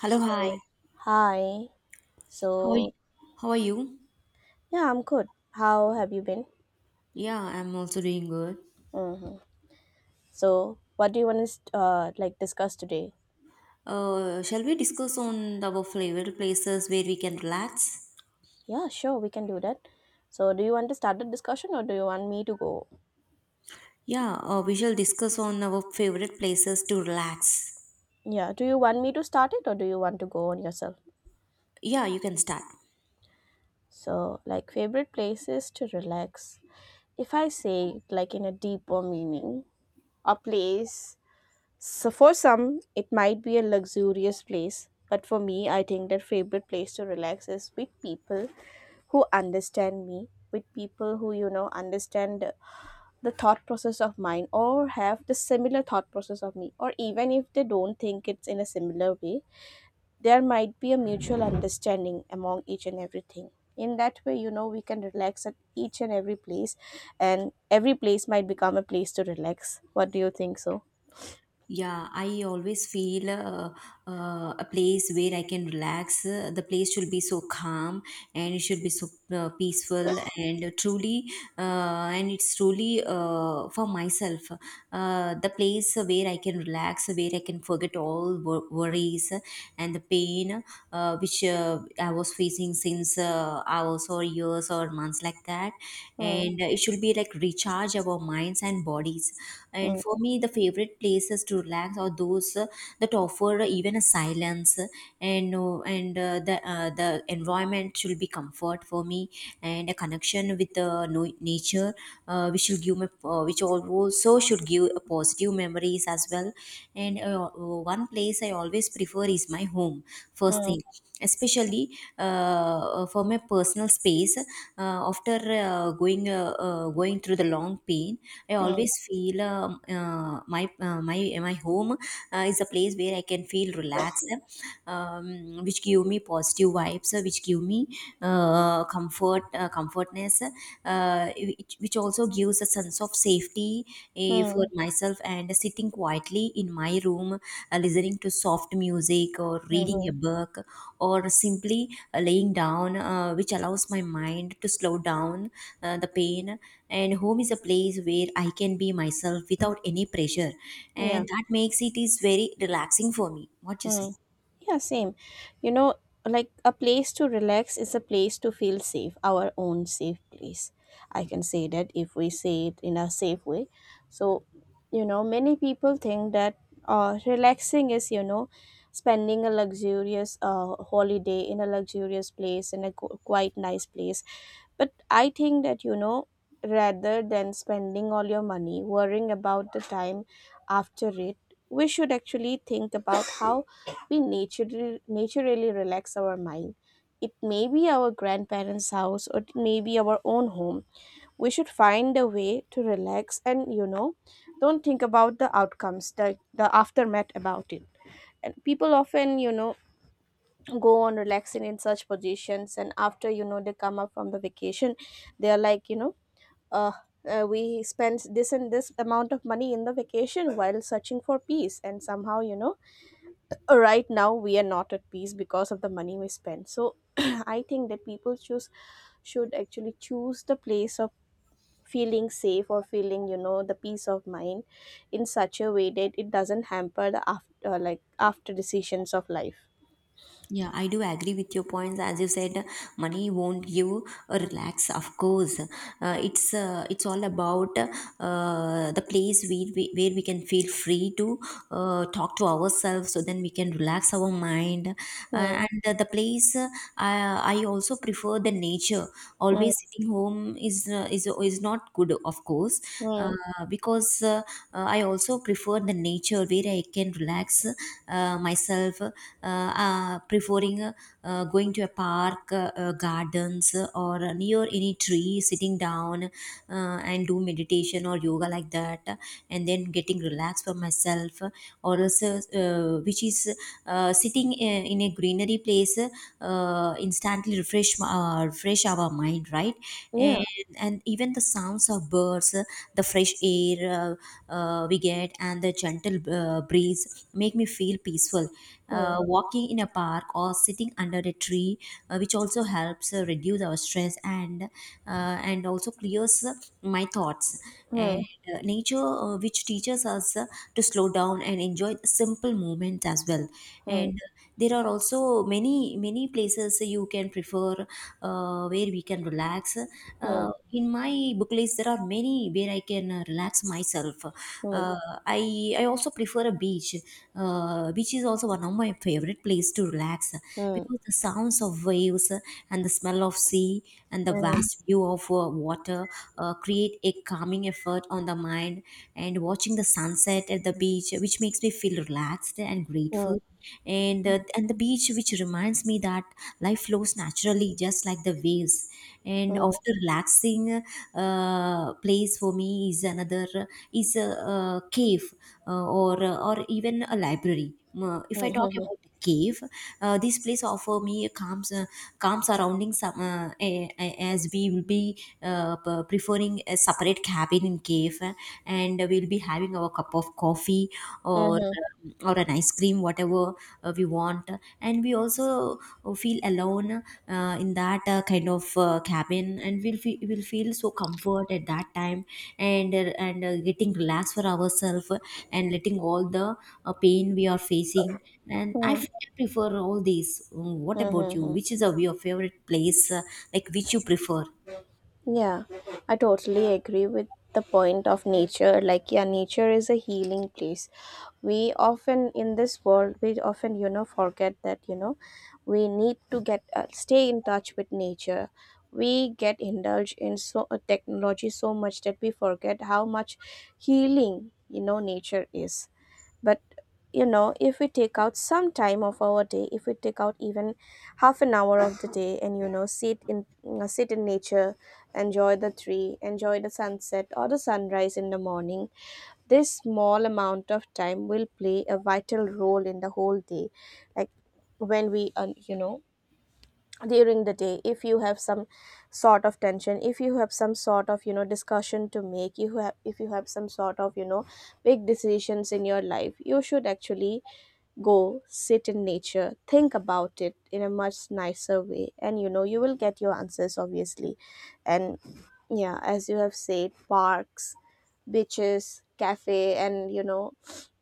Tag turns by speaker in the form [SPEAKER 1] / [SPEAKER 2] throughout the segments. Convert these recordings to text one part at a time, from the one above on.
[SPEAKER 1] Hello, hi.
[SPEAKER 2] So, hi.
[SPEAKER 1] How are you?
[SPEAKER 2] So,
[SPEAKER 1] How are you?
[SPEAKER 2] yeah, I'm good. How have you been?
[SPEAKER 1] Yeah, I'm also doing good.
[SPEAKER 2] Mm-hmm. So, what do you want to like discuss today?
[SPEAKER 1] Shall we discuss on our favorite places where we can relax?
[SPEAKER 2] Yeah, sure, we can do that. So, do you want to start the discussion or do you want me to go?
[SPEAKER 1] Yeah, we shall discuss on our favorite places to relax.
[SPEAKER 2] Yeah, do you want me to start it or do you want to go on yourself?
[SPEAKER 1] Yeah, you can start.
[SPEAKER 2] So, like favorite places to relax. If I say it, like in a deeper meaning, a place. So for some, it might be a luxurious place, but for me, I think that favorite place to relax is with people who understand me, with people who understand the thought process of mine or have the similar thought process of me, or even if they don't think it's in a similar way, there might be a mutual understanding among each and everything. In that way, you know, we can relax at each and every place, and every place might become a place to relax. What do you think so?
[SPEAKER 1] Yeah, I always feel a place where I can relax. The place should be so calm and it should be so peaceful and and it's truly for myself. The place where I can relax, where I can forget all worries and the pain, which I was facing since hours or years or months, like that.
[SPEAKER 2] Hmm,
[SPEAKER 1] And it should be like recharge our minds and bodies. And
[SPEAKER 2] hmm,
[SPEAKER 1] for me, the favorite places to relax are those that offer even a silence, and the environment should be comfort for me, and a connection with the nature, which also should give a positive memories as well. And one place I always prefer is my home, first
[SPEAKER 2] hmm.
[SPEAKER 1] thing. Especially for my personal space, after going through the long pain, I always
[SPEAKER 2] Mm,
[SPEAKER 1] feel uh, my uh, my my home is a place where I can feel relaxed, um, which give me positive vibes, which give me comfort, comfortness, which also gives a sense of safety for
[SPEAKER 2] mm,
[SPEAKER 1] myself. And sitting quietly in my room, listening to soft music or reading a
[SPEAKER 2] mhm,
[SPEAKER 1] book, or simply laying down, which allows my mind to slow down the pain. And home is a place where I can be myself without any pressure,
[SPEAKER 2] yeah,
[SPEAKER 1] and that makes it is very relaxing for me. What you say?
[SPEAKER 2] mm. Yeah, same. You know, like a place to relax is a place to feel safe, our own safe place. I can say that if we say it in a safe way. So, you know, many people think that relaxing is, you know, spending a luxurious holiday in a luxurious place, in a quite nice place. But I think that, you know, rather than spending all your money worrying about the time after it, we should actually think about how we naturally relax our mind. It may be our grandparents' house or it may be our own home. We should find a way to relax and, you know, don't think about the outcomes, the aftermath about it. And people often, you know, go on relaxing in such positions, and after, you know, they come up from the vacation, they are like, you know, uh we spent this and this amount of money in the vacation while searching for peace, and somehow, you know, right now we are not at peace because of the money we spend. So I think that people choose should actually choose the place of feeling safe or feeling, you know, the peace of mind in such a way that it doesn't hamper the after, like after decisions of life.
[SPEAKER 1] Yeah, I do agree with your points. As you said, money won't give a relax. Of course, it's all about the place we where we can feel free to talk to ourselves. So then we can relax our mind, uh,
[SPEAKER 2] Hmm.
[SPEAKER 1] and uh, the place, I also prefer the nature.
[SPEAKER 2] Hmm.
[SPEAKER 1] Always sitting home is is not good, of course,
[SPEAKER 2] Hmm.
[SPEAKER 1] because I also prefer the nature where I can relax myself, preferring going to a park, gardens, or near any tree, sitting down, and do meditation or yoga, like that, and then getting relaxed for myself, or else, which is sitting in a greenery place, instantly refresh refresh our mind, right?
[SPEAKER 2] Yeah.
[SPEAKER 1] And even the sounds of birds, the fresh air we get, and the gentle breeze make me feel peaceful. Uh,
[SPEAKER 2] hmm.
[SPEAKER 1] walking in a park or sitting under a tree, which also helps reduce our stress, and also clears my thoughts. And
[SPEAKER 2] Hmm.
[SPEAKER 1] nature, which teaches us to slow down and enjoy simple moments as well.
[SPEAKER 2] Hmm.
[SPEAKER 1] And there are also many places you can prefer where we can relax.
[SPEAKER 2] Hmm.
[SPEAKER 1] In my book list, there are many where I can relax myself.
[SPEAKER 2] Hmm.
[SPEAKER 1] Uh, i i also prefer a beach. Beach is also one of my favorite place to relax,
[SPEAKER 2] Hmm.
[SPEAKER 1] because the sounds of waves, and the smell of sea, and the
[SPEAKER 2] Hmm.
[SPEAKER 1] vast view of water create a calming effort on the mind. And watching the sunset at the beach, which makes me feel relaxed and
[SPEAKER 2] Hmm.
[SPEAKER 1] grateful, and the beach, which reminds me that life flows naturally, just like the waves. And
[SPEAKER 2] Hmm. Hmm.
[SPEAKER 1] after relaxing, place for me is another, is a, cave, uh, or or even a library. If I talk
[SPEAKER 2] Hmm.
[SPEAKER 1] about the cave, this place offer me a calm surrounding some, as we will be preferring a separate cabin in cave, and we'll be having our cup of coffee,
[SPEAKER 2] Hmm. Hmm.
[SPEAKER 1] or an ice cream, whatever we want. And we also feel alone in that kind of cabin, and we'll feel so comfort at that time, and getting relaxed for ourselves, and letting all the pain we are facing. And
[SPEAKER 2] Hmm.
[SPEAKER 1] I
[SPEAKER 2] Hmm.
[SPEAKER 1] feel I prefer all these. What about
[SPEAKER 2] Hmm.
[SPEAKER 1] you?
[SPEAKER 2] Hmm.
[SPEAKER 1] Which is a your favorite place, like which you prefer?
[SPEAKER 2] Yeah, I totally agree with the point of nature. Like, yeah, nature is a healing place. We often in this world, we often, you know, forget that, you know, we need to get stay in touch with nature. We get indulged in so technology so much that we forget how much healing, you know, nature is. But you know, if we take out some time of our day, if we take out even half an hour of the day and, you know, sit in sit in nature, enjoy the tree, enjoy the sunset or the sunrise in the morning, this small amount of time will play a vital role in the whole day. Like when we you know, during the day, if you have some sort of tension, if you have some sort of, you know, discussion to make, you have, if you have some sort of, you know, big decisions in your life, you should actually go sit in nature, think about it in a much nicer way, and, you know, you will get your answers, obviously. And yeah, as you have said, parks, beaches, cafe, and, you know,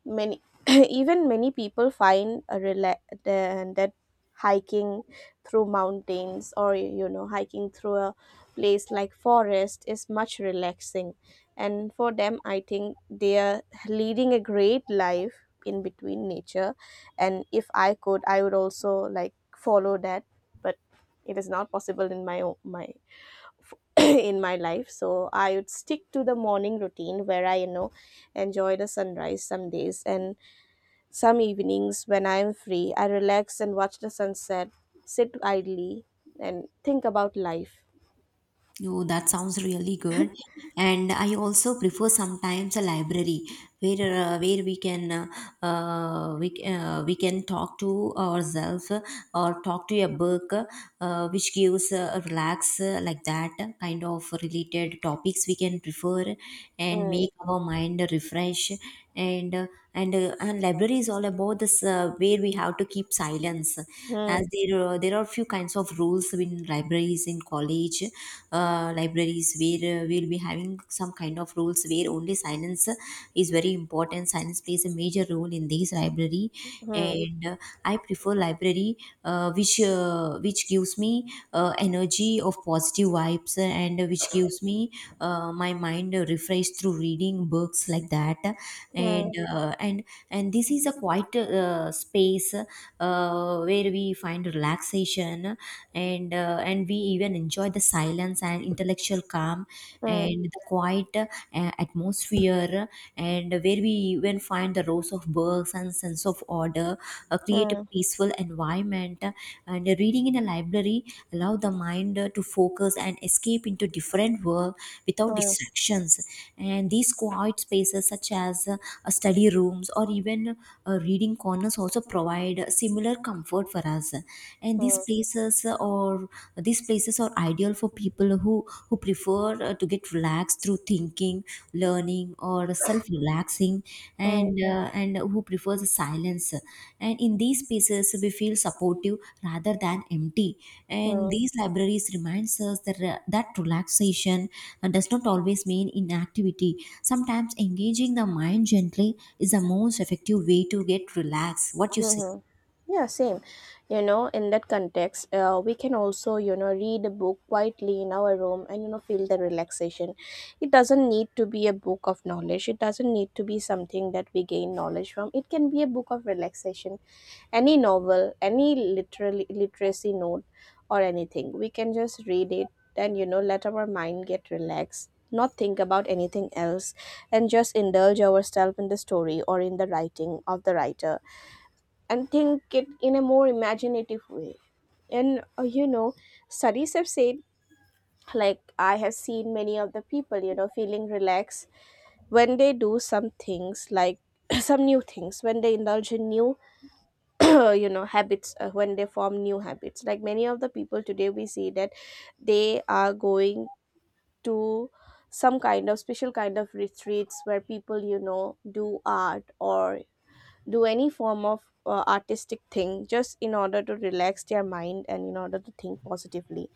[SPEAKER 2] many even many people find a rela- the- that hiking through mountains or, you know, hiking through a place like forest is much relaxing. And for them, I think they are leading a great life in between nature. And if I could, I would also like follow that. But it is not possible in my my in my life. So I would stick to the morning routine where I, you know, enjoy the sunrise some days, and some evenings when I am free, I relax and watch the sunset, sit idly, and think about life.
[SPEAKER 1] Oh, that sounds really good. And I also prefer sometimes a library where we can talk to ourselves, or talk to a book, which gives a relax, like that kind of related topics we can prefer, and
[SPEAKER 2] Mm,
[SPEAKER 1] make our mind refresh. And uh, and uh, and library is all about this, where we have to keep silence, as
[SPEAKER 2] mm,
[SPEAKER 1] there are few kinds of rules in libraries, in college libraries, where we'll be having some kind of rules where only silence is very important. Silence plays a major role in this library.
[SPEAKER 2] mm,
[SPEAKER 1] And I prefer library, which gives me energy of positive vibes, and which gives me my mind refreshed through reading books, like that. and
[SPEAKER 2] mm,
[SPEAKER 1] uh, and and this is a quiet space, where we find relaxation, and we even enjoy the silence and intellectual calm,
[SPEAKER 2] mm,
[SPEAKER 1] and the quiet atmosphere, and where we even find the rows of books and sense of order, create a
[SPEAKER 2] mm,
[SPEAKER 1] peaceful environment. Uh, and reading in a library allow the mind to focus and escape into different world,
[SPEAKER 2] mm,
[SPEAKER 1] without
[SPEAKER 2] mm,
[SPEAKER 1] distractions. And these quiet spaces, such as study rooms, or even reading corners, also provide a similar comfort for us. And these
[SPEAKER 2] mm,
[SPEAKER 1] places, or these places are ideal for people who prefer to get relaxed through thinking, learning, or self-relaxing,
[SPEAKER 2] mm.
[SPEAKER 1] and who prefers silence. And in these spaces, we feel supportive rather than empty. And
[SPEAKER 2] Mm.
[SPEAKER 1] these libraries reminds us that relaxation does not always mean inactivity. Sometimes engaging the mind gently is the most effective way to get relaxed. What you say?
[SPEAKER 2] Mm-hmm. Yeah, same. You know, in that context, we can also, you know, read a book quietly in our room and, you know, feel the relaxation. It doesn't need to be a book of knowledge. It doesn't need to be something that we gain knowledge from. It can be a book of relaxation. Any novel, any literally literacy note or anything. We can just read it and, you know, let our mind get relaxed, not think about anything else, and just indulge ourselves in the story or in the writing of the writer, and think it in a more imaginative way. And you know, studies have said, like, I have seen many of the people, you know, feeling relaxed when they do some things like some new things, when they indulge in new, you know, habits, when they form new habits. Like, many of the people today, we see that they are going to some kind of special kind of retreats where people, you know, do art or do any form of artistic thing just in order to relax their mind and in order to think positively.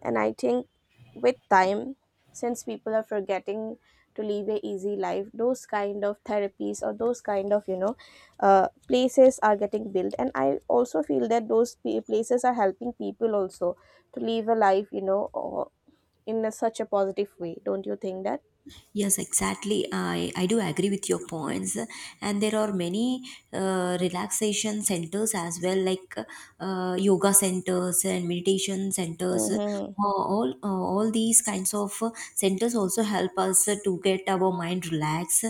[SPEAKER 2] And I think with time, since people are forgetting to live a easy life, those kind of therapies or those kind of, you know, places are getting built, and I also feel that those places are helping people also to live a life, you know, or in a, such a positive way. Don't you think that?
[SPEAKER 1] Yes, exactly. I do agree with your points. And there are many relaxation centers as well, like yoga centers and meditation centers. Uh,
[SPEAKER 2] Mm-hmm.
[SPEAKER 1] all, uh, all these kinds of centers also help us to get our mind relaxed,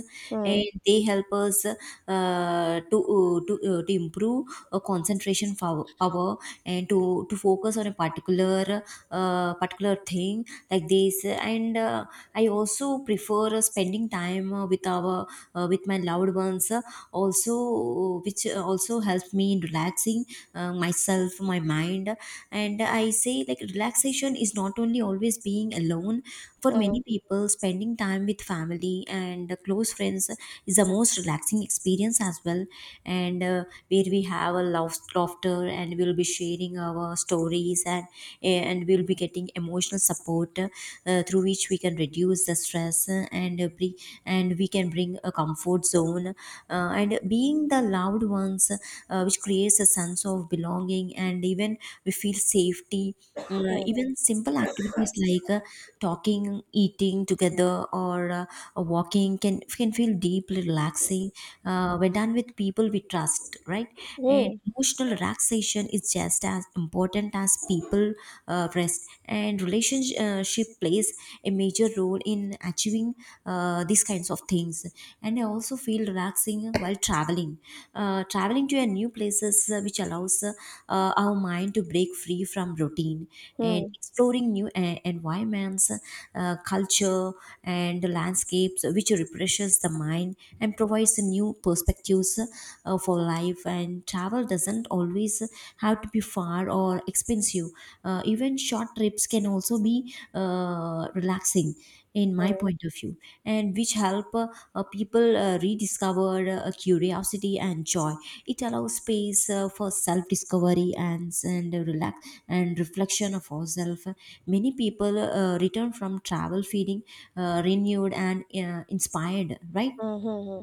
[SPEAKER 1] and
[SPEAKER 2] Hmm.
[SPEAKER 1] they help us to improve concentration power, and to focus on a particular thing, like this, and I also prefer spending time with my loved ones, also, which also helps me in relaxing myself, my mind. And I say, like, relaxation is not only always being alone. For
[SPEAKER 2] Hmm.
[SPEAKER 1] many people, spending time with family and close friends is the most relaxing experience as well, and where we have a laughter, and we'll be sharing our stories, and we'll be getting emotional support, through which we can reduce the stress, and we can bring a comfort zone, and being the loved ones, which creates a sense of belonging, and even we feel safety.
[SPEAKER 2] Hmm.
[SPEAKER 1] Even simple activities like talking, eating together, or walking can feel deeply relaxing, when done with people we trust, right?
[SPEAKER 2] Hmm.
[SPEAKER 1] And
[SPEAKER 2] Hmm.
[SPEAKER 1] emotional relaxation is just as important as people rest. And relationship plays a major role in achieving these kinds of things. And I also feel relaxing while traveling. Traveling to a new places, which allows our mind to break free from routine, and
[SPEAKER 2] Hmm.
[SPEAKER 1] exploring new environments, culture, and landscapes, which refreshes the mind and provides new perspectives for life. And travel doesn't always have to be far or expensive. Even short trips can also be relaxing, in my
[SPEAKER 2] Hmm.
[SPEAKER 1] point of view, and which help people rediscover curiosity and joy. It allows space for self discovery, and relax and reflection of ourselves. Many people return from travel feeling renewed and inspired, right?
[SPEAKER 2] Hmm. Hmm.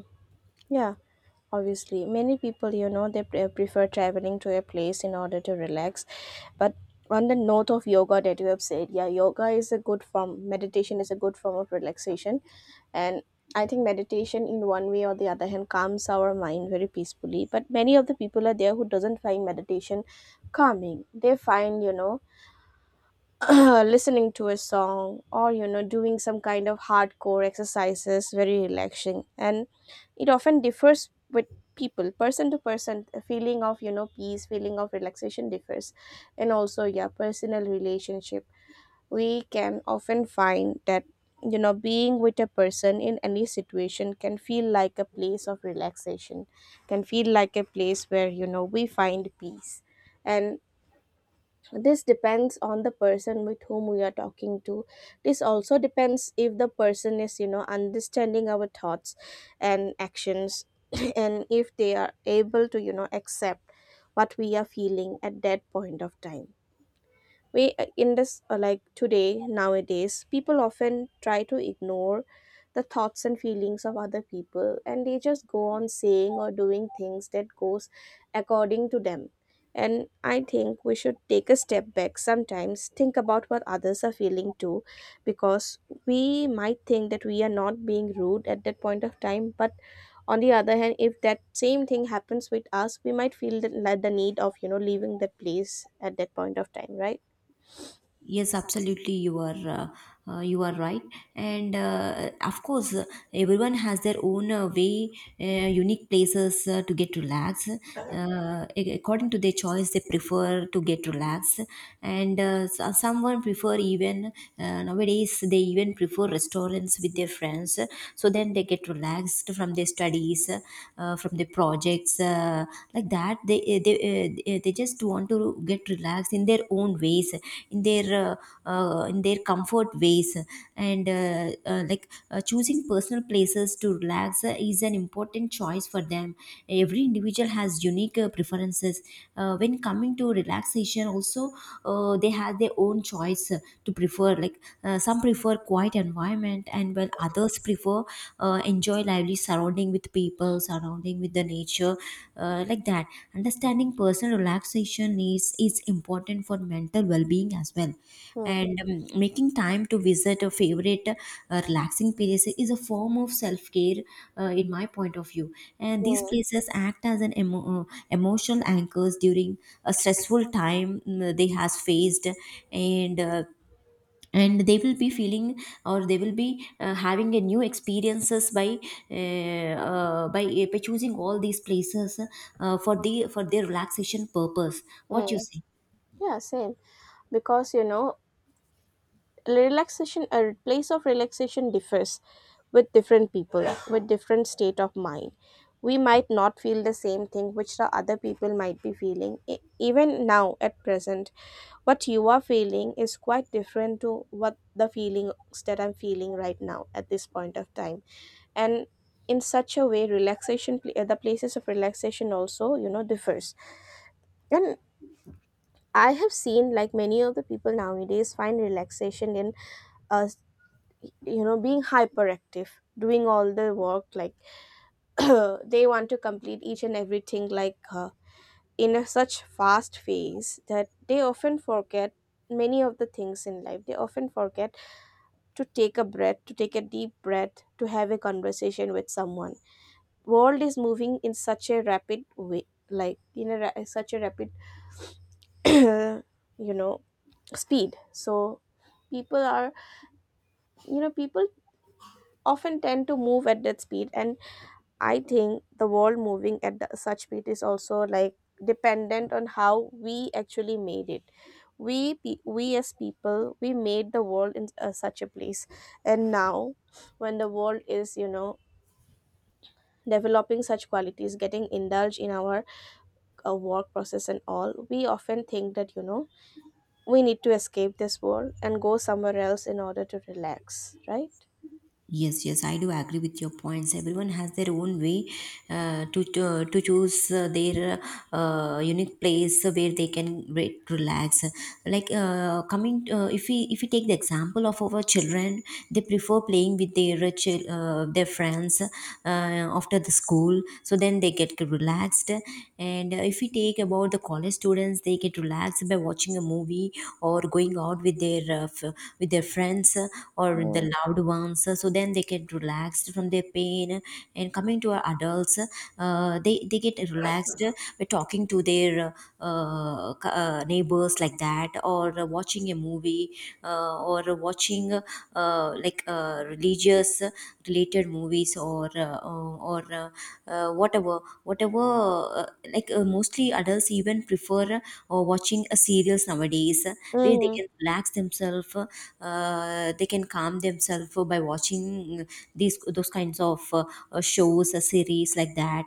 [SPEAKER 2] Yeah, obviously. Many people, you know, they prefer traveling to a place in order to relax. But on the note of yoga that you have said, yeah, yoga is a good form, meditation is a good form of relaxation. And I think meditation in one way or the other hand calms our mind very peacefully. But many of the people are there who doesn't find meditation calming. They find, you know, listening to a song or, you know, doing some kind of hardcore exercises very relaxing. And it often differs with people, person to person. The feeling of, you know, peace, feeling of relaxation differs. And also, yeah, personal relationship, we can often find that, you know, being with a person in any situation can feel like a place of relaxation, can feel like a place where, you know, we find peace. And this depends on the person with whom we are talking to. This also depends if the person is, you know, understanding our thoughts and actions, and if they are able to, you know, accept what we are feeling at that point of time. We in this like today nowadays, people often try to ignore the thoughts and feelings of other people, and they just go on saying or doing things that goes according to them. And I think we should take a step back sometimes, think about what others are feeling too. Because we might think that we are not being rude at that point of time, but on the other hand, if that same thing happens with us, we might feel the, like the need of, you know, leaving that place at that point of time, right?
[SPEAKER 1] Yes, absolutely. You are right, and of course, everyone has their own way, unique places to get relaxed. According to their choice, they prefer to get relaxed, and someone prefer, even nowadays they even prefer restaurants with their friends. So then they get relaxed from their studies, from their projects, like that that they eh, they just want to get relaxed in their own ways in their in their comfort ways. And like Choosing personal places to relax is an important choice for them. Every individual has unique preferences when coming to relaxation also. They have their own choice to prefer, like, some prefer quiet environment and while others prefer enjoy lively surrounding with people, surrounding with the nature, like that. Understanding personal relaxation is important for mental well-being as well,
[SPEAKER 2] Mm,
[SPEAKER 1] and making time to visit a favorite relaxing place is a form of self-care, in my point of view. And these
[SPEAKER 2] mm,
[SPEAKER 1] places act as emotional anchors during a stressful time, mm, they has faced. And and they will be feeling, or they will be having a new experiences by uh, uh, by by choosing all these places for their relaxation purpose. What you
[SPEAKER 2] mm.
[SPEAKER 1] say?
[SPEAKER 2] Yeah, same. Because, you know, relaxation, a place of relaxation differs with different people, with different state of mind. We might not feel the same thing which the other people might be feeling. E- Even now, at present, what you are feeling is quite different to what the feelings that I'm feeling right now at this point of time. And in such a way, relaxation, the places of relaxation also, you know, differs. And I have seen like many of the people nowadays find relaxation in us, you know, being hyperactive, doing all the work. Like they want to complete each and everything like in a such fast phase that they often forget many of the things in life. They often forget to take a breath, to take a deep breath, to have a conversation with someone. World is moving in such a rapid way, like in a such a rapid, you know, speed. So people are, you know, people often tend to move at that speed. And I think the world moving at the, such speed is also like dependent on how we actually made it. We we as people, we made the world in such a place. And now when the world is, you know, developing such qualities, getting indulged in our work process and all, we often think that, you know, we need to escape this world and go somewhere else in order to relax, right?
[SPEAKER 1] Yes, yes, I do agree with your points. Everyone has their own way to choose their unique place where they can relax. If we take the example of our children, they prefer playing with their their friends, after the school. So then they get relaxed, and if we take about the college students, they get relaxed by watching a movie or going out with their with their friends, or the
[SPEAKER 2] Mm.
[SPEAKER 1] loved ones, so then they get relaxed from their pain. And coming to our adults, they get relaxed by talking to their neighbors, like that, or watching a movie or watching religious related movies, or whatever whatever uh, like mostly adults even prefer or watching a serials nowadays, where they
[SPEAKER 2] Mm-hmm.
[SPEAKER 1] can relax themselves. They can calm themselves by watching these those kinds of shows, a series like that.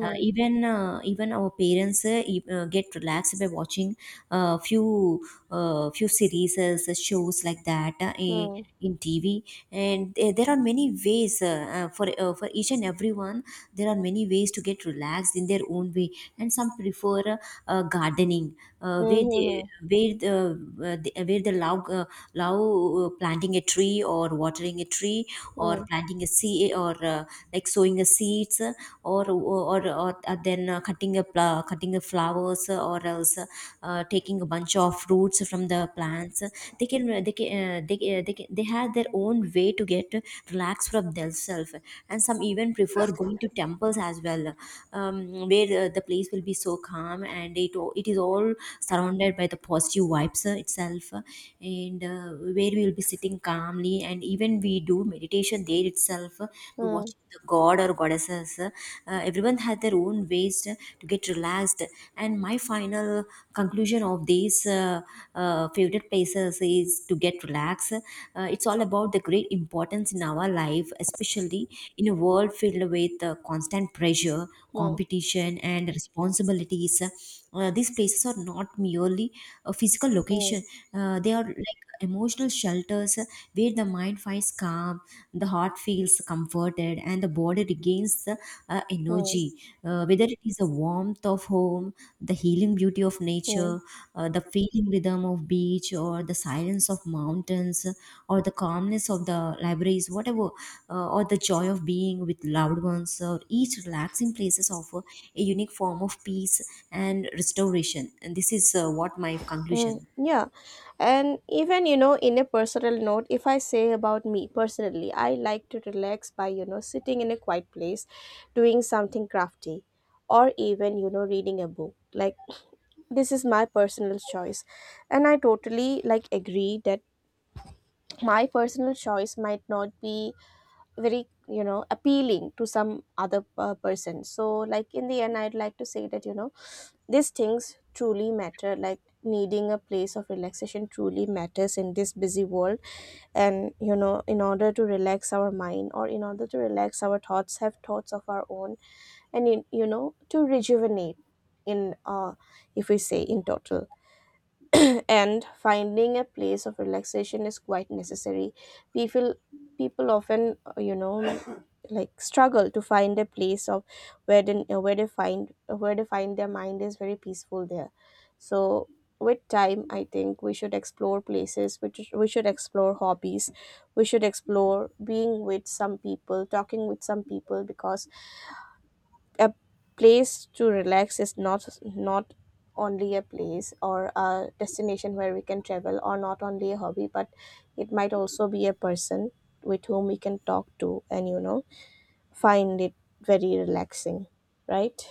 [SPEAKER 1] Even our parents get relaxed by watching uh, few few series, shows like that,
[SPEAKER 2] Mm.
[SPEAKER 1] in TV, and there are many ways for each and everyone. There are many ways to get relaxed in their own way, and some prefer gardening, where they
[SPEAKER 2] Mhm,
[SPEAKER 1] where the- where they love planting a tree or watering a tree, or
[SPEAKER 2] mhm,
[SPEAKER 1] planting a sea, or like sowing a seeds, or then cutting a pla- cutting a flowers, or else taking a bunch of fruits from the plants. They can they can, they can they have their own way to get relaxed from themselves. And some even prefer going to temples as well, where the place will be so calm, and it is all surrounded by the positive vibes itself, and where we will be sitting calmly and even we do meditation there itself,
[SPEAKER 2] mm, mm,
[SPEAKER 1] watching the god or goddesses. Everyone had their own ways to get relaxed. And my final conclusion of these favorite places is to get relaxed. It's all about the great importance in our life, especially in a world filled with constant pressure, competition, and responsibilities. These places are not merely a physical
[SPEAKER 2] mm,
[SPEAKER 1] location; they are like emotional shelters where the mind finds calm, the heart feels comforted, and the body regains the
[SPEAKER 2] mm,
[SPEAKER 1] energy. Whether it is the warmth of home, the healing beauty of
[SPEAKER 2] mm,
[SPEAKER 1] nature, the feeling rhythm of beach, or the silence of mountains, or the calmness of the libraries, whatever, or the joy of being with loved ones, or each relaxing places offer a unique form of peace and restoration. And this is what my
[SPEAKER 2] mm.
[SPEAKER 1] conclusion.
[SPEAKER 2] Yeah, and even, you know, in a personal note, if I say about me personally, I like to relax by, you know, sitting in a quiet place, doing something crafty, or even, you know, reading a book. Like this is my personal choice, and I totally like agree that my personal choice might not be very, you know, appealing to some other person. So like in the end, I'd like to say that, you know, these things truly matter, like needing a place of relaxation truly matters in this busy world. And you know, in order to relax our mind or in order to relax our thoughts, have thoughts of our own, and in, you know, to rejuvenate, in if we say in total, and finding a place of relaxation is quite necessary. People people often you know, like struggle to find a place of where they find, where they find their mind is very peaceful there. So with time, I think we should explore places, we should explore hobbies, we should explore being with some people, talking with some people. Because a place to relax is not only a place or a destination where we can travel, or not only a hobby, but it might also be a person with whom we can talk to and, you know, find it very relaxing, right?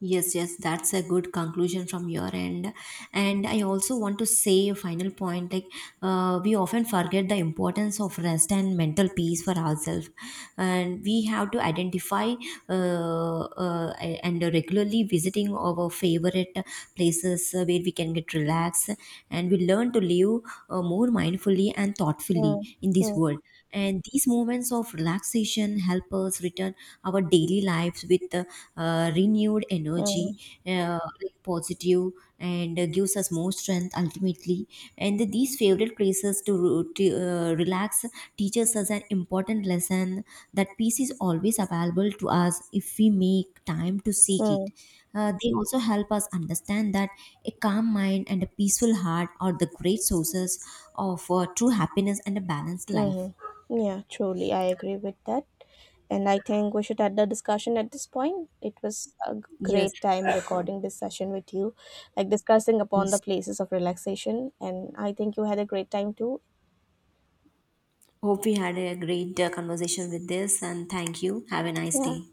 [SPEAKER 1] Yes, yes, that's a good conclusion from your end. And I also want to say a final point, like, we often forget the importance of rest and mental peace for ourselves. And we have to identify uh, uh, and regularly visiting our favorite places where we can get relaxed, and we learn to live more mindfully and thoughtfully
[SPEAKER 2] Mm,
[SPEAKER 1] in this
[SPEAKER 2] mm,
[SPEAKER 1] world. And these moments of relaxation help us return our daily lives with renewed
[SPEAKER 2] mm,
[SPEAKER 1] energy, like positive, and gives us more strength ultimately. And these favorite places to relax teaches us an important lesson that peace is always available to us if we make time to seek it.
[SPEAKER 2] mm.
[SPEAKER 1] They also help us understand that a calm mind and a peaceful heart are the great sources of true happiness and a balanced life.
[SPEAKER 2] Mm-hmm. Yeah, truly, I agree with that. And I think we should end the discussion at this point. It was a
[SPEAKER 1] Yes.
[SPEAKER 2] great time recording this session with you, like discussing upon the
[SPEAKER 1] Yes.
[SPEAKER 2] places of relaxation. And I think you had a great time too.
[SPEAKER 1] Hope we had a great conversation with this, and thank you. Have a nice
[SPEAKER 2] Yeah.
[SPEAKER 1] day.